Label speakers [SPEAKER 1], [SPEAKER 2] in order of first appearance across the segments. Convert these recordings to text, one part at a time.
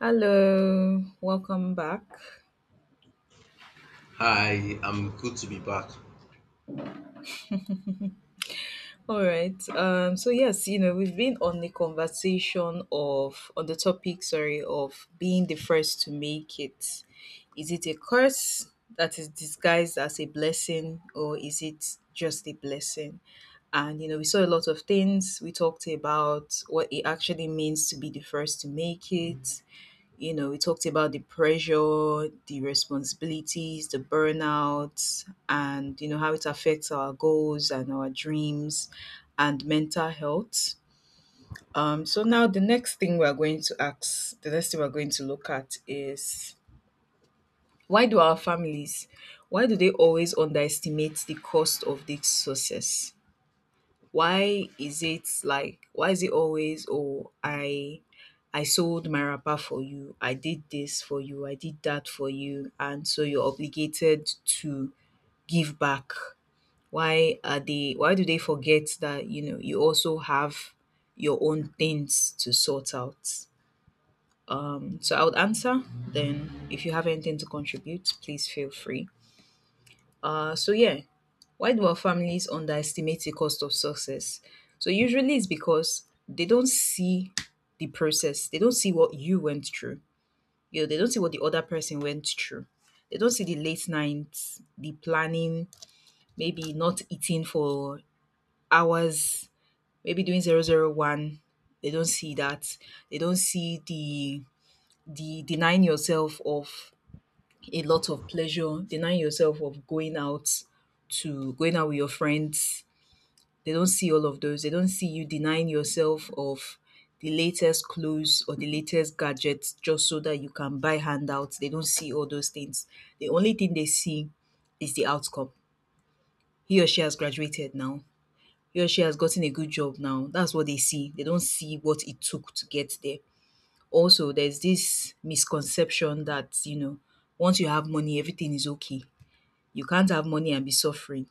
[SPEAKER 1] Hello, welcome back.
[SPEAKER 2] Hi, I'm good to be back.
[SPEAKER 1] All right. So yes, you know, we've been on the conversation of on the topic, sorry, of being the first to make it. Is it a curse that is disguised as a blessing, or is it just a blessing? And you know, we saw a lot of things. We talked about what it actually means to be the first to make it. You know, we talked about the pressure, the responsibilities, the burnout, and, you know, how it affects our goals and our dreams and mental health. So now the next thing we're going to ask, the next thing we're going to look at is why do our families, why do they always underestimate the cost of this success? Why is it always, oh, I sold my wrapper for you, I did this for you, I did that for you, and so you're obligated to give back. Why do they forget that you know you also have your own things to sort out? So I would answer, then if you have anything to contribute, please feel free. So yeah, why do our families underestimate the cost of success? So usually it's because they don't see the process. They don't see what you went through. You know, they don't see what the other person went through. They don't see the late nights, the planning, maybe not eating for hours, maybe doing 0-0-1. They don't see that. They don't see the denying yourself of a lot of pleasure, denying yourself of going out with your friends. They don't see all of those. They don't see you denying yourself of the latest clothes or the latest gadgets, just so that you can buy handouts. They don't see all those things. The only thing they see is the outcome. He or she has graduated now. He or she has gotten a good job now. That's what they see. They don't see what it took to get there. Also, there's this misconception that, you know, once you have money, everything is okay. You can't have money and be suffering.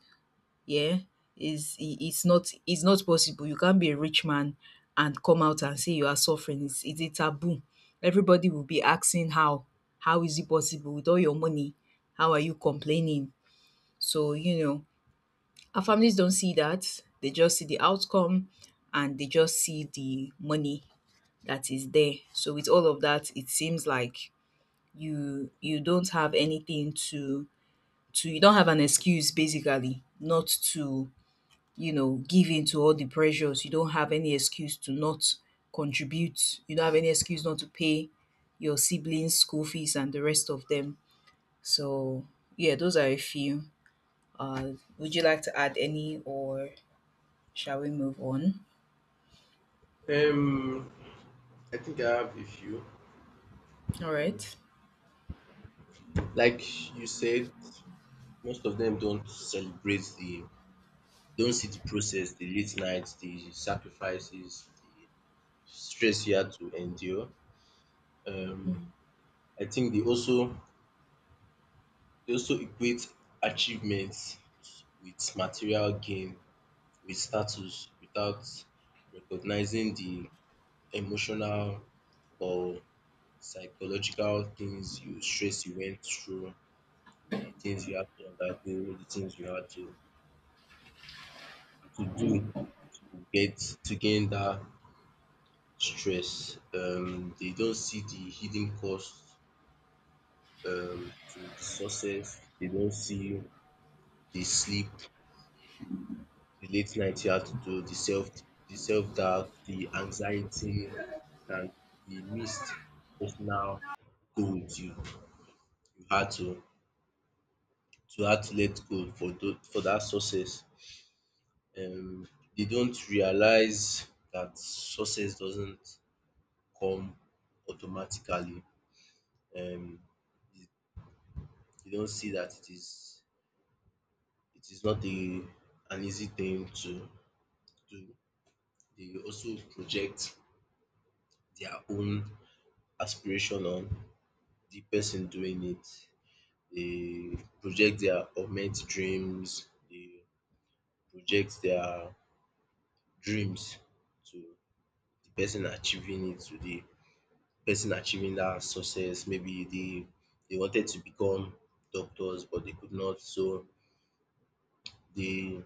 [SPEAKER 1] Yeah. Is it's not possible. You can't be a rich man and come out and say you are suffering. It's a taboo. Everybody will be asking how. How is it possible with all your money? How are you complaining? So, you know, our families don't see that. They just see the outcome, and they just see the money that is there. So with all of that, it seems like you don't have anything to you don't have an excuse, basically, not to, you know, give in to all the pressures. You don't have any excuse to not contribute. You don't have any excuse not to pay your siblings' school fees and the rest of them. So yeah, those are a few. uh would you like to add any, or shall we move on?
[SPEAKER 2] Um, I think I have a few.
[SPEAKER 1] All
[SPEAKER 2] Um,
[SPEAKER 1] right.
[SPEAKER 2] like you said, most of them don't celebrate don't see the process, the late nights, the sacrifices, the stress you had to endure. Um, I think they also equate achievements with material gain, with status, without recognizing the emotional or psychological things you stress you went through, the things you had to undergo, the things you had to do to get to gain that stress. They don't see the hidden cost to the success. They don't see the sleep, the late night you had to do, the self doubt, the anxiety, and the missed personal goals you had to let go for that success. um, they don't realize that success doesn't come automatically. Um, they don't see that it is not a an easy thing to do. They also project their own aspiration on the person doing it. They project their augmented dreams. They project their dreams to the person achieving it, to the person achieving that success. Maybe they wanted to become doctors but they could not, so they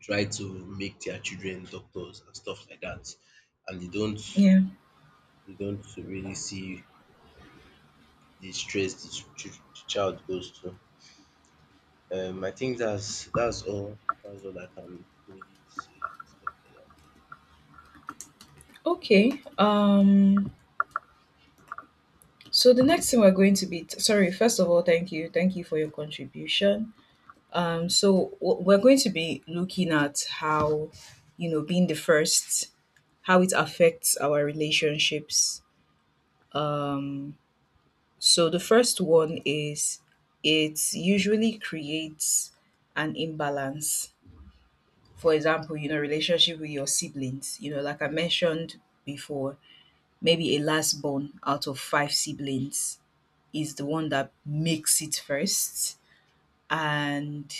[SPEAKER 2] try to make their children doctors and stuff like that. And
[SPEAKER 1] Yeah.
[SPEAKER 2] they don't really see the stress the child goes through. I think that's all that's all I can really say and stuff like that.
[SPEAKER 1] Okay. So the next thing we're going to be sorry, first of all, thank you, thank you for your contribution. We're going to be looking at how, you know, being the first, how it affects our relationships. Um, so the first one is it usually creates an imbalance. For example, you know, relationship with your siblings. You know, like I mentioned before, maybe a last born out of five siblings is the one that makes it first, and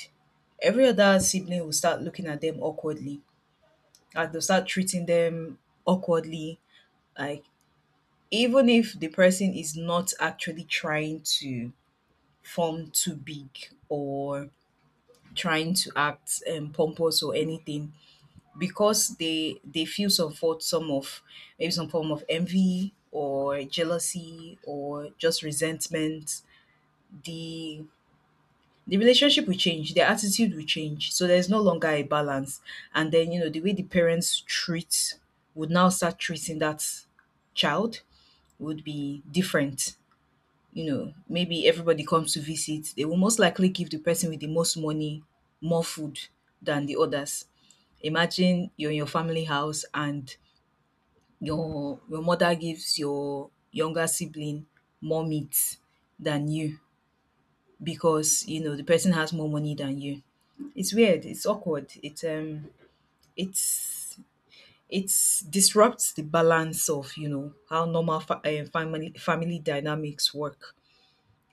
[SPEAKER 1] every other sibling will start looking at them awkwardly, and they'll start treating them awkwardly. Like, even if the person is not actually trying to form too big or trying to act pompous or anything, because they feel some fault, some of, maybe some form of envy or jealousy or just resentment, the the relationship will change, their attitude will change. So there's no longer a balance. And then, you know, the way the parents treat would now start treating that child would be different. You know, maybe everybody comes to visit, they will most likely give the person with the most money more food than the others. Imagine you're in your family house and your mother gives your younger sibling more meat than you, because you know the person has more money than you. It's weird. It's awkward. It's it's disrupts the balance of, you know, how normal family dynamics work.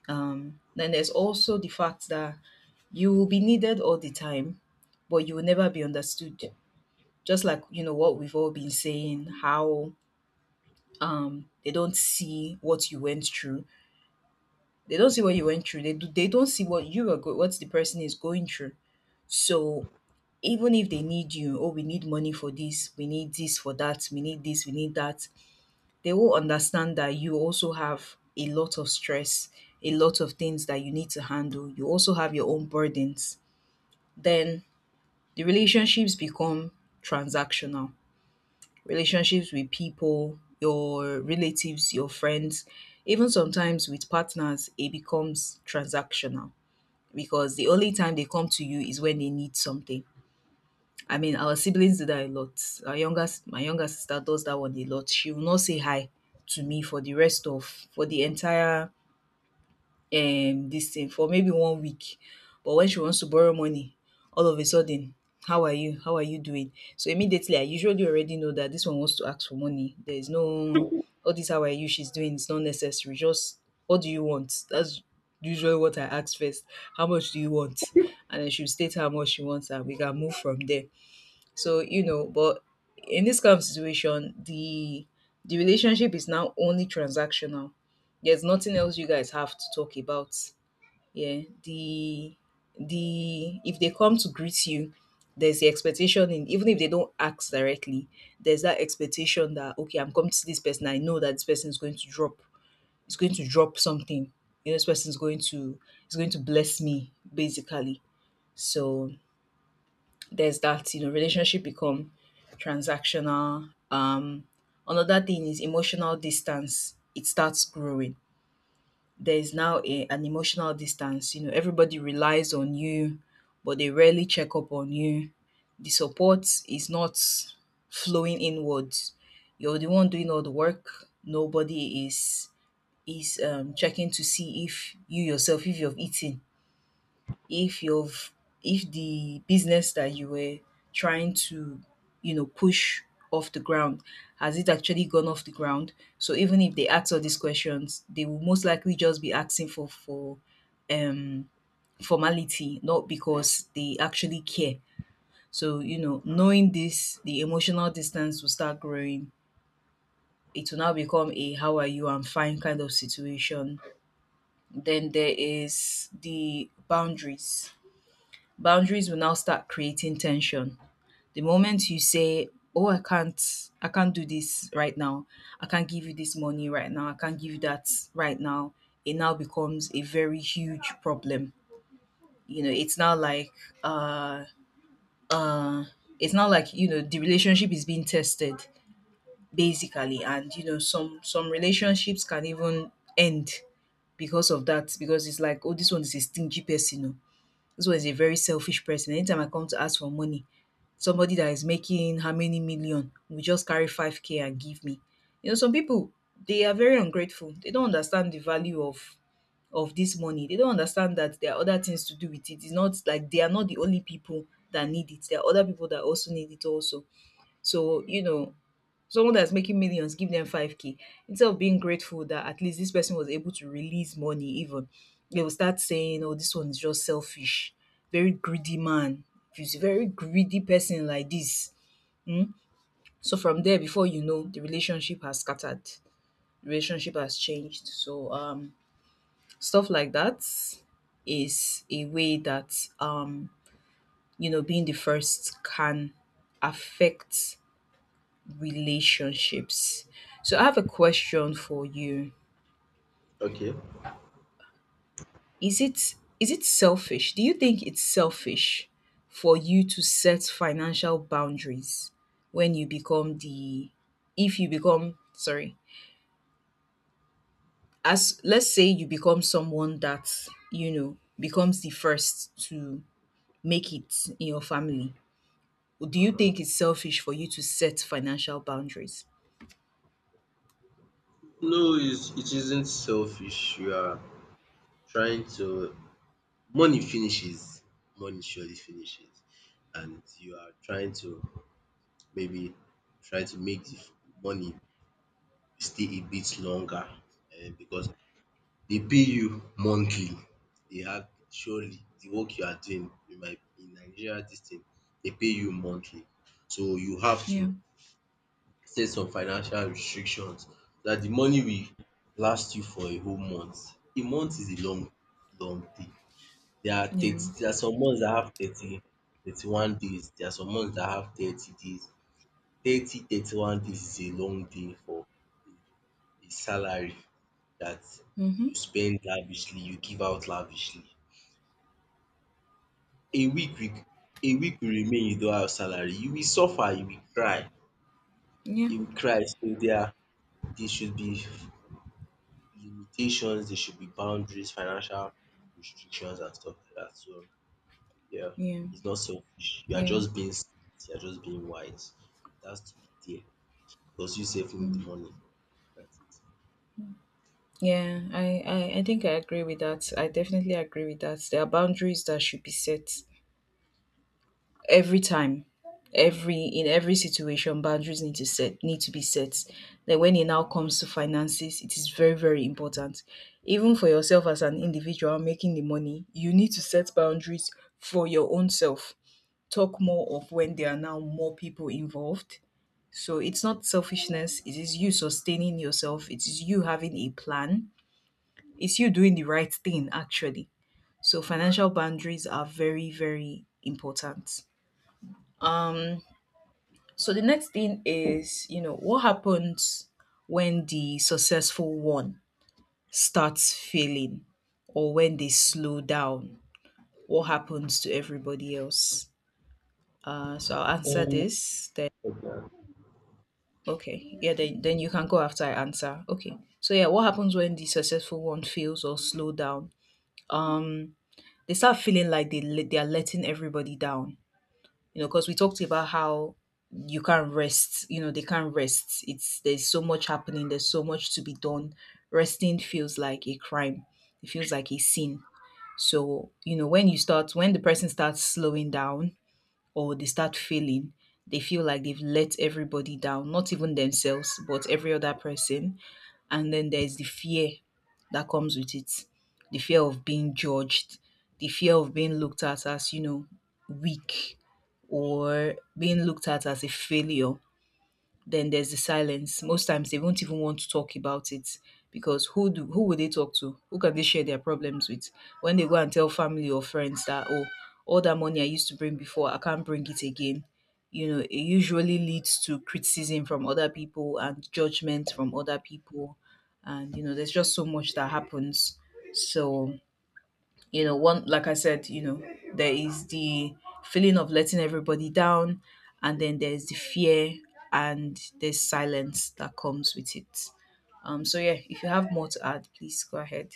[SPEAKER 1] Then there's also the fact that you will be needed all the time, but you will never be understood. Just like you know what we've all been saying, how they don't see what you went through. They don't see what you went through. They don't see what you are what the person is going through. So even if they need you, oh, we need money for this, we need this for that, we need this, we need that, they will understand that you also have a lot of stress, a lot of things that you need to handle. You also have your own burdens. Then the relationships become transactional. Relationships with people, your relatives, your friends, even sometimes with partners, it becomes transactional, because the only time they come to you is when they need something. I mean, our siblings do that a lot. Our younger my younger sister does that one a lot. She will not say hi to me for the rest of, for the entire this thing, for maybe one week. But when she wants to borrow money, all of a sudden, how are you? How are you doing? So immediately I usually already know that this one wants to ask for money. There is no all this how are you she's doing, it's not necessary. Just, what do you want? That's usually what I ask first. How much do you want? And then she'll state how much she wants and we can move from there. So, you know, but in this kind of situation, the relationship is now only transactional. There's nothing else you guys have to talk about. Yeah. The If they come to greet you, there's the expectation, in even if they don't ask directly, there's that expectation that, okay, I'm coming to see this person, I know that this person is going to drop, is going to drop something. You know, this person is going to, is going to bless me, basically. So there's that, you know, relationship become transactional. Another thing is emotional distance. It starts growing. There is now a, an emotional distance. You know, everybody relies on you, but they rarely check up on you. The support is not flowing inwards. You're the one doing all the work. Nobody is checking to see if you yourself, if you've eaten, if you've, if the business that you were trying to, you know, push off the ground, has it actually gone off the ground. So even if they ask all these questions, they will most likely just be asking for um formality, not because they actually care. So you know, knowing this, the emotional distance will start growing. It will now become a "how are you, I'm fine" kind of situation. Then there is the boundaries. Boundaries will now start creating tension. The moment you say, "Oh, I can't do this right now. I can't give you this money right now. I can't give you that right now," it now becomes a very huge problem. You know, it's now like, uh, uh, it's now like, you know, the relationship is being tested, basically, and you know some relationships can even end because of that, because it's like, oh, this one is a stingy person. Oh. This one is a very selfish person. Anytime I come to ask for money, somebody that is making how many million will just carry 5k and give me. You know, some people, they are very ungrateful. They don't understand the value of this money. They don't understand that there are other things to do with it. It's not like they are not the only people that need it. There are other people that also need it also. So, you know, someone that's making millions, give them 5k, instead of being grateful that at least this person was able to release money, even, they will start saying, oh, this one is just selfish, very greedy man, if he's a very greedy person like this. So from there, before you know, the relationship has scattered, the relationship has changed. Stuff like that is a way that, you know, being the first can affect relationships. So I have a question for you.
[SPEAKER 2] Okay.
[SPEAKER 1] Is it selfish? Do you think it's selfish for you to set financial boundaries when you become the if you become sorry, as, let's say, you become someone that, you know, becomes the first to make it in your family? Do you think it's selfish for you to set financial boundaries?
[SPEAKER 2] No, it's, it isn't selfish. You are trying to money finishes, money surely finishes and you are trying to maybe try to make money stay a bit longer because they pay you monthly. They have surely the work you are doing in Nigeria. This thing they pay you monthly. So you have
[SPEAKER 1] Yeah.
[SPEAKER 2] to set some financial restrictions so that the money will last you for a whole month. A month is a long thing. There are 30,
[SPEAKER 1] Yeah.
[SPEAKER 2] there are some months that have 30, 31 days. There are some months that have 30 days. 30, 31 days is a long day for a a salary that
[SPEAKER 1] Mm-hmm.
[SPEAKER 2] you spend lavishly, you give out lavishly. A week will a week will remain you don't have salary. You will suffer,
[SPEAKER 1] Yeah.
[SPEAKER 2] you will cry. So there should be limitations, there should be boundaries, financial restrictions and stuff like that. So yeah,
[SPEAKER 1] Yeah.
[SPEAKER 2] it's not selfish. You are
[SPEAKER 1] Yeah.
[SPEAKER 2] just being smart. You are just being wise. It has to be there because you save need the money. That's it.
[SPEAKER 1] Yeah. I think I agree with that. I definitely agree with that. There are boundaries that should be set every time, every in every situation. Boundaries need to be set. Then when it now comes to finances, it is very very important. Even for yourself, as an individual making the money, you need to set boundaries for your own self, talk more of when there are now more people involved. So it's not selfishness, it is you sustaining yourself, it is you having a plan, it's you doing the right thing actually. So financial boundaries are very very important. So the next thing is, you know, what happens when the successful one starts failing or when they slow down? What happens to everybody else? So I'll answer this then. Okay. Yeah, then you can go after I answer. Okay. So yeah, what happens when the successful one fails or slow down? Mm, They start feeling like they are letting everybody down. You know, because we talked about how you can't rest, you know, they can't rest. It's There's so much happening, there's so much to be done. Resting feels like a crime, it feels like a sin. So you know, when the person starts slowing down or they start failing, they feel like they've let everybody down, not even themselves, but every other person. And then there's the fear that comes with it, the fear of being judged, the fear of being looked at as, you know, weak, or being looked at as a failure. Then there's the silence. Most times they won't even want to talk about it, because who would they talk to? Who can they share their problems with? When they go and tell family or friends that, oh, all that money I used to bring before, I can't bring it again. You know, it usually leads to criticism from other people and judgment from other people. And you know, there's just so much that happens. So you know, one, like I said, you know, there is the feeling of letting everybody down, and then there's the fear, and there's silence that comes with it. So yeah, if you have more to add, please go ahead.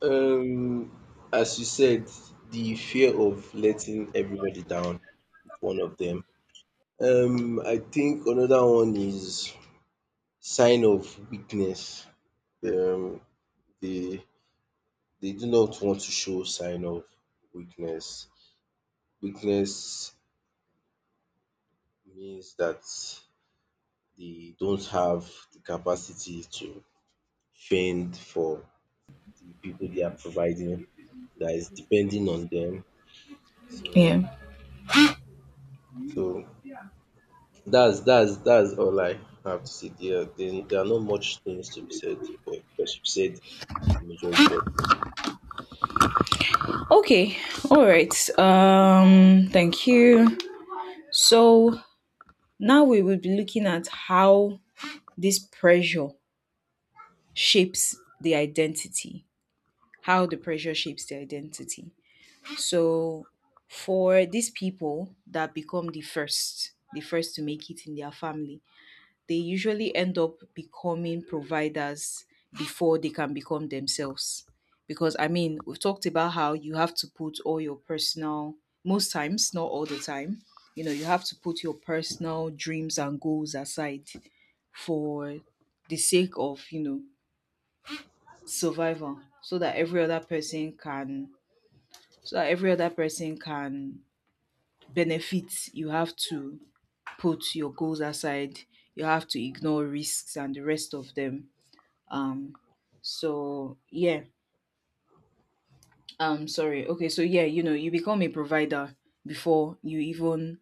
[SPEAKER 2] Um, as you said, the fear of letting everybody down is one of them. I think another one is sign of weakness. Um, they they do not want to show sign of weakness. Weakness means that they don't have the capacity to fend for the people they are providing that is depending on them. So
[SPEAKER 1] Yeah.
[SPEAKER 2] so that's that's all I have to say. There are there are not much things to be said, but because you've said the majority of it.
[SPEAKER 1] Okay. All right. Thank you. So now we will be looking at how this pressure shapes the identity, how the pressure shapes the identity. So for these people that become the first to make it in their family, they usually end up becoming providers before they can become themselves. Because I mean, we've talked about how you have to put all your personal, most times, not all the time, you know, you have to put your personal dreams and goals aside for the sake of, you know, survival so that every other person can, so that every other person can benefits, you have to put your goals aside. You have to ignore risks and the rest of them. Um so yeah um sorry okay so yeah you know, you become a provider before you even,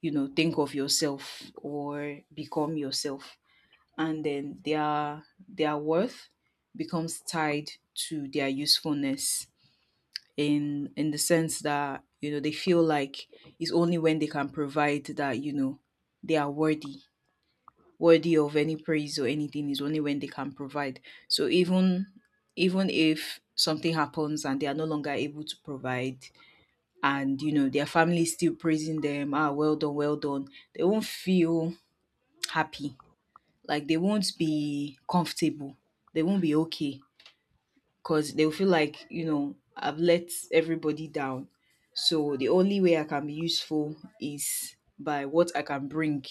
[SPEAKER 1] you know, think of yourself or become yourself. And then their worth becomes tied to their usefulness, in the sense that, you know, they feel like it's only when they can provide that, you know, they are worthy. Worthy of any praise or anything is only when they can provide. So even, even if something happens and they are no longer able to provide, and you know, their family is still praising them, ah, well done, they won't feel happy. Like they won't be comfortable. They won't be okay, because they'll feel like, you know, I've let everybody down. So the only way I can be useful is by what I can bring.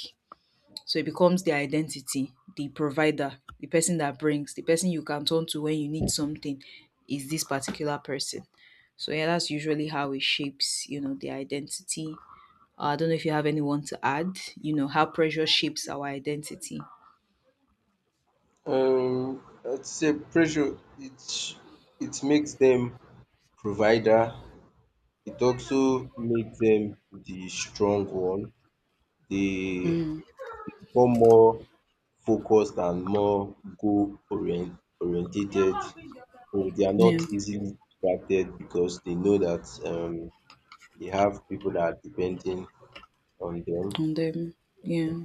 [SPEAKER 1] So it becomes their identity, the provider, the person that brings, the person you can turn to when you need something is this particular person. So yeah, that's usually how it shapes, you know, the identity. I don't know if you have anyone to add, you know, how pressure shapes our identity.
[SPEAKER 2] Um, I'd say pressure. It makes them provider. It also makes them the strong one. They
[SPEAKER 1] Mm,
[SPEAKER 2] become more focused and more goal orient oriented. So they are not
[SPEAKER 1] yeah.
[SPEAKER 2] easily distracted because they know that they have people that are depending on them.
[SPEAKER 1] And yeah.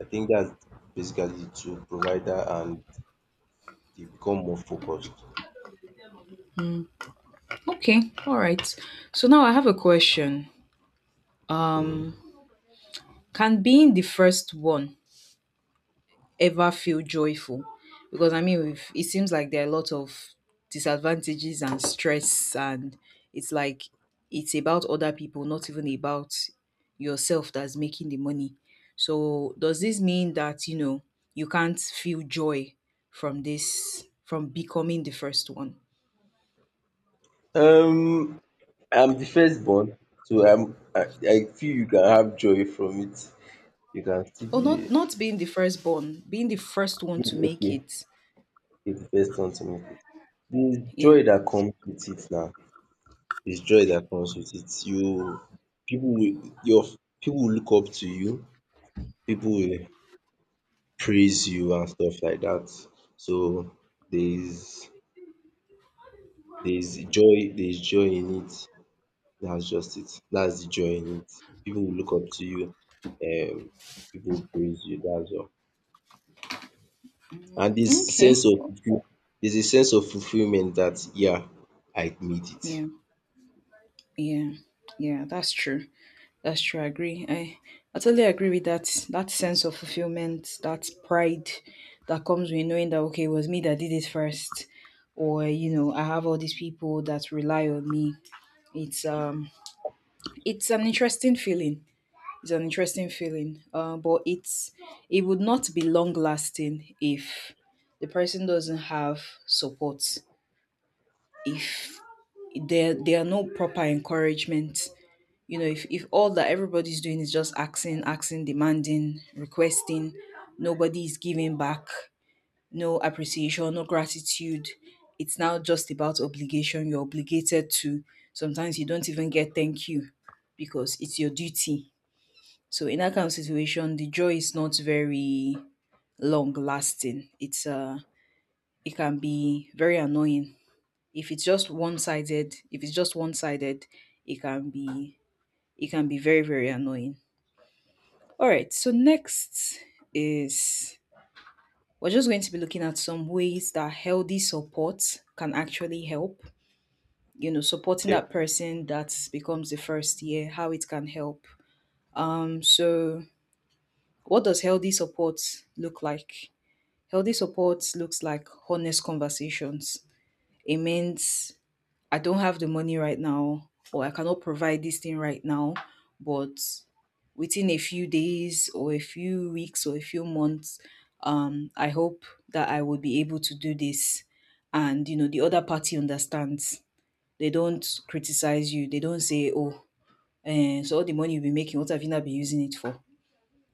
[SPEAKER 2] I think that's basically to provide that, and they become more focused.
[SPEAKER 1] Okay. All right. So now I have a question.
[SPEAKER 2] Mhm.
[SPEAKER 1] Can being the first one ever feel joyful? Because I mean, we've, it seems like there are a lot of disadvantages and stress, and it's like it's about other people, not even about yourself that's making the money. So, does this mean that, you know, you can't feel joy from this, from becoming the first one?
[SPEAKER 2] Um, I'm the firstborn, so I feel you can have joy from it. You can still
[SPEAKER 1] Or not,
[SPEAKER 2] be
[SPEAKER 1] not being the firstborn, being the first one to make
[SPEAKER 2] okay.
[SPEAKER 1] it.
[SPEAKER 2] You're the first one to make it. The
[SPEAKER 1] Yeah.
[SPEAKER 2] joy that comes with it now. It's joy that comes with it. You people will your people will look up to you, people will praise you and stuff like that. So there is there is joy, in it. That's just it. That's the joy in it. People will look up to you, um people will praise you, that's all. And this
[SPEAKER 1] Okay.
[SPEAKER 2] sense of fulfill there's a sense of fulfillment that, yeah, I made it.
[SPEAKER 1] Yeah. Yeah. Yeah. That's true. That's true. I agree. I totally agree with that. That sense of fulfillment, that pride that comes with knowing that, okay, it was me that did it first, or you know, I have all these people that rely on me. It's um, it's an interesting feeling. It's an interesting feeling. But it would not be long lasting if the person doesn't have support. If there are no proper encouragement, you know, if all that everybody's doing is just asking, demanding, requesting, nobody is giving back, no appreciation, no gratitude, it's now just about obligation, you're obligated to. Sometimes you don't even get thank you, because it's your duty. So in that kind of situation, the joy is not very long lasting. It can be very annoying, if it's just one-sided, if it's just one-sided, it can be, it can be very very annoying. All right, so next is we're just going to be looking at some ways that healthy support can actually help. You know, supporting
[SPEAKER 2] Yeah.
[SPEAKER 1] that person that becomes the first year, how it can help. So what does healthy support look like? Healthy support looks like honest conversations. It means I don't have the money right now, or I cannot provide this thing right now, but within a few days or a few weeks or a few months, I hope that I will be able to do this. And you know, the other party understands. They don't criticize you. They don't say, "Oh, eh, so all the money you've been making, what have you not been using it for?"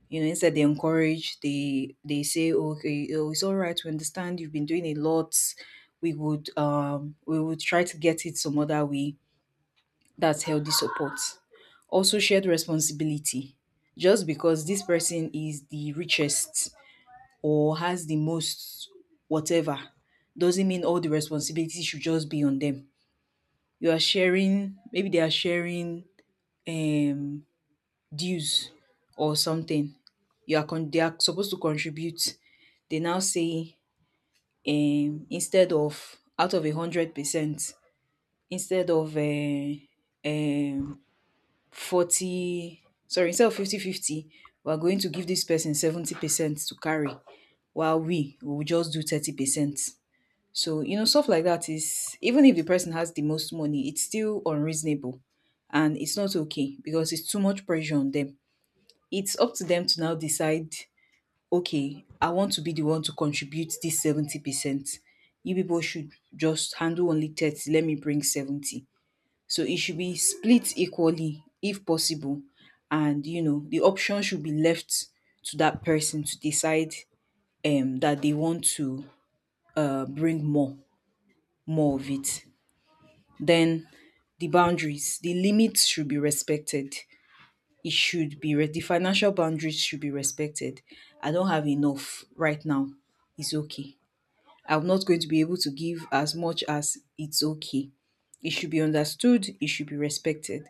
[SPEAKER 1] You know, instead they encourage. They say, "Okay, oh, it's all right. We understand. You've been doing a lot. We would try to get it some other way." That's healthy support. Also, shared responsibility. Just because this person is the richest or has the most whatever, doesn't mean all the responsibility should just be on them. You are sharing, maybe they are sharing um, dues or something. They are supposed to contribute. They now say, instead of out of 100%, instead of um 40, sorry, instead of 50/50, we're going to give this person 70% to carry, while we will just do 30%. So you know, stuff like that is, even if the person has the most money, it's still unreasonable, and it's not okay, because it's too much pressure on them. It's up to them to now decide, okay, I want to be the one to contribute this 70%. You people should just handle only 30, let me bring 70. So it should be split equally if possible. And you know, the option should be left to that person to decide that they want to bring more, more of it. Then the boundaries, the limits should be respected. It should be the financial boundaries should be respected. I don't have enough right now. It's okay. I'm not going to be able to give as much as, it's okay. It should be understood, it should be respected.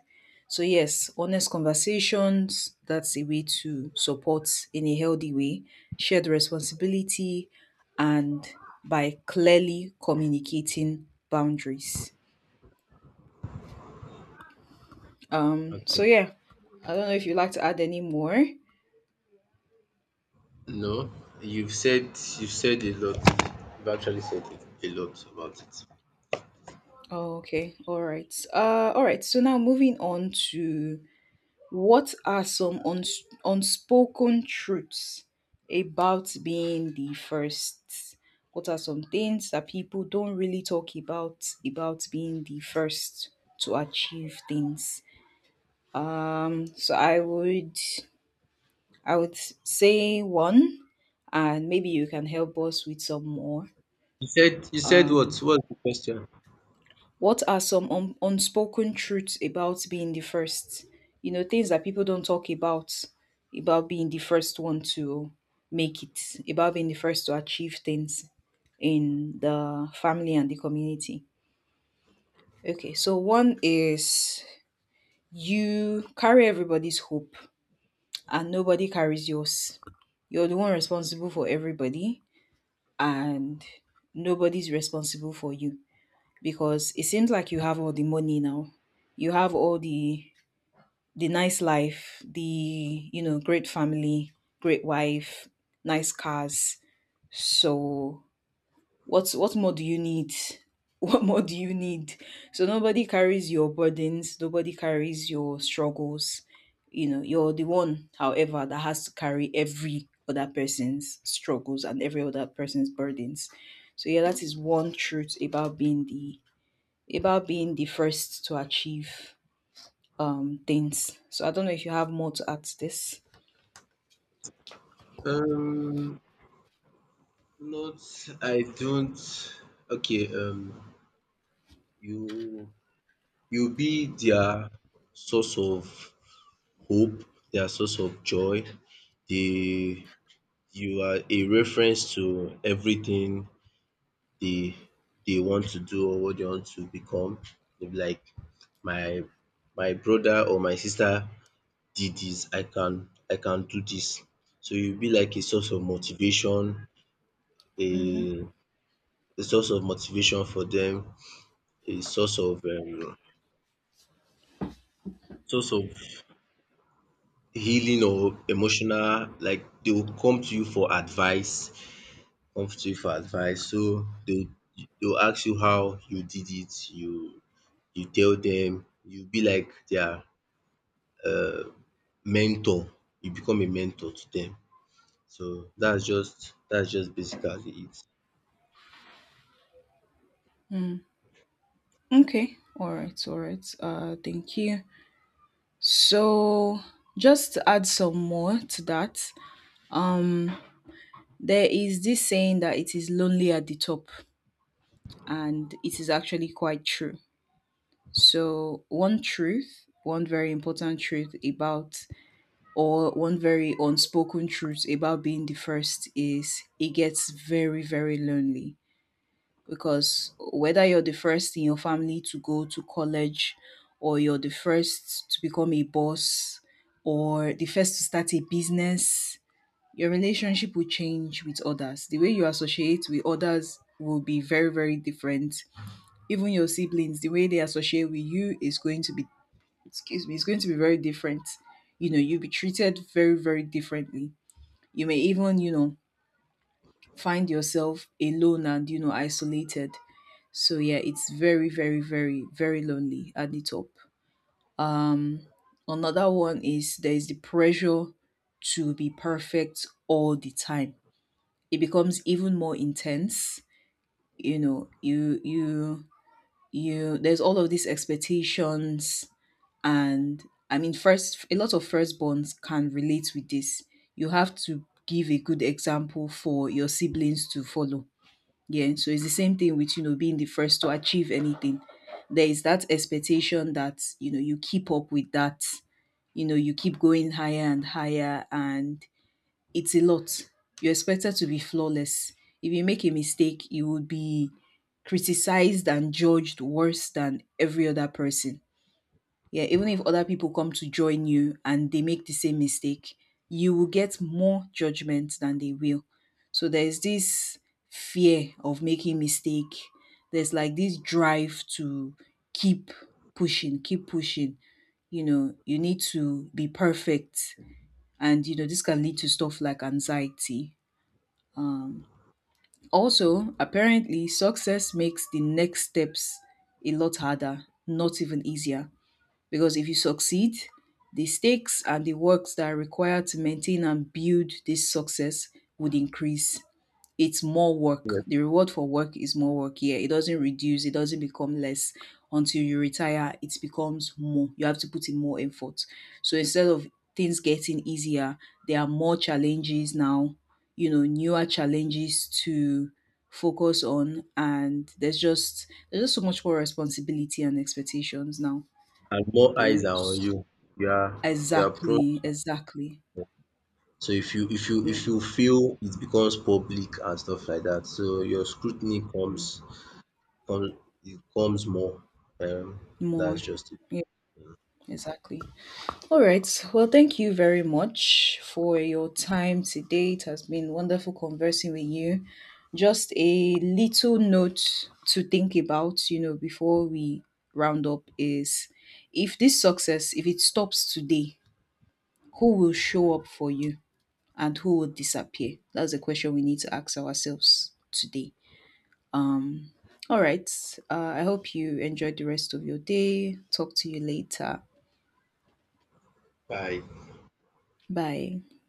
[SPEAKER 1] So, yes, honest conversations, that's a way to support in a healthy way, shared responsibility, and by clearly communicating boundaries. So yeah, I don't know if you'd like to add any more.
[SPEAKER 2] No, you've said you've said a lot. You've actually said a lot about it.
[SPEAKER 1] Oh, okay, all right. All right. So now moving on to, what are some unspoken truths about being the first? What are some things that people don't really talk about being the first to achieve things? So I would, I would say one, and maybe you can help us with some more.
[SPEAKER 2] You said
[SPEAKER 1] Um,
[SPEAKER 2] what? What's the question?
[SPEAKER 1] What are some unspoken truths about being the first? You know, things that people don't talk about being the first one to make it, about being the first to achieve things in the family and the community. Okay, so one is, you carry everybody's hope and nobody carries yours. You're the one responsible for everybody, and nobody's responsible for you. Because it seems like you have all the money now. You have all the nice life, the great family, great wife, nice cars. So what more do you need? What more do you need? So nobody carries your burdens, nobody carries your struggles. You know, you're the one, however, that has to carry every other person's struggles and every other person's burdens. So yeah, that is one truth about being the first to achieve things. So I don't know if you have more to add to this.
[SPEAKER 2] Um, Not I don't. Okay. You you be their source of hope, their source of joy. They you are a reference to everything they they want to do or what they want to become. They'll be like my my brother or my sister did this, I can do this. So you'll be like a source of motivation,
[SPEAKER 1] Mm-hmm.
[SPEAKER 2] a a source of motivation for them, a source of healing or emotional, like they will come to you for advice, So they'll ask you how you did it, you tell them, you be like their mentor, you become a mentor to them. So that's just basically it.
[SPEAKER 1] Mm. Okay. All right. All right. Thank you. So just to add some more to that, um, there is this saying that it is lonely at the top, and it is actually quite true. So one truth, one very important truth about or one very unspoken truth about being the first is it gets very, very lonely because whether you're the first in your family to go to college or you're the first to become a boss or the first to start a business, your relationship will change with others. The way you associate with others will be very, very different. Even your siblings, the way they associate with you is going to be excuse me, it's going to be very different. You know, you'll be treated very, very differently. You may even, you know, find yourself alone and, you know, isolated. So yeah, it's very, very, very, very lonely at the top. Um, Another one is there is the pressure to be perfect all the time. It becomes even more intense. You know, you there's all of these expectations and I mean, first, a lot of firstborns can relate with this. You have to give a good example for your siblings to follow. Yeah, so it's the same thing with you know being the first to achieve anything. There is that expectation that you know you keep up with that, you know, you keep going higher and higher, and it's a lot. You're expected to be flawless. If you make a mistake, you would be criticized and judged worse than every other person, yeah, even if other people come to join you and they make the same mistake, you will get more judgment than they will. So there's this fear of making mistake. There's like this drive to keep pushing, keep pushing. You know, you need to be perfect. And you know, this can lead to stuff like anxiety. Um Also, apparently success makes the next steps a lot harder, not even easier because if you succeed, the stakes and the works that are required to maintain and build this success would increase. It's more work.
[SPEAKER 2] Yes,
[SPEAKER 1] The reward for work is more work. Yeah, it doesn't reduce, it doesn't become less until you retire. It becomes more. You have to put in more effort. So instead of things getting easier, there are more challenges now, you know, newer challenges to focus on and there's just so much more responsibility and expectations now.
[SPEAKER 2] and more eyes are on
[SPEAKER 1] Yes.
[SPEAKER 2] you. You are you are prone,
[SPEAKER 1] Exactly. Exactly.
[SPEAKER 2] so
[SPEAKER 1] Yeah.
[SPEAKER 2] if you feel it becomes public and stuff like that. So your scrutiny comes it comes more. Um
[SPEAKER 1] More.
[SPEAKER 2] that's just it.
[SPEAKER 1] Yeah, exactly. All right. Well, thank you very much for your time today. It has been wonderful conversing with you. Just a little note to think about, you know, before we round up is if this success, if it stops today, who will show up for you and who will disappear? That's the question we need to ask ourselves today. All right. I hope you enjoyed the rest of your day. Talk to you later.
[SPEAKER 2] Bye.
[SPEAKER 1] Bye.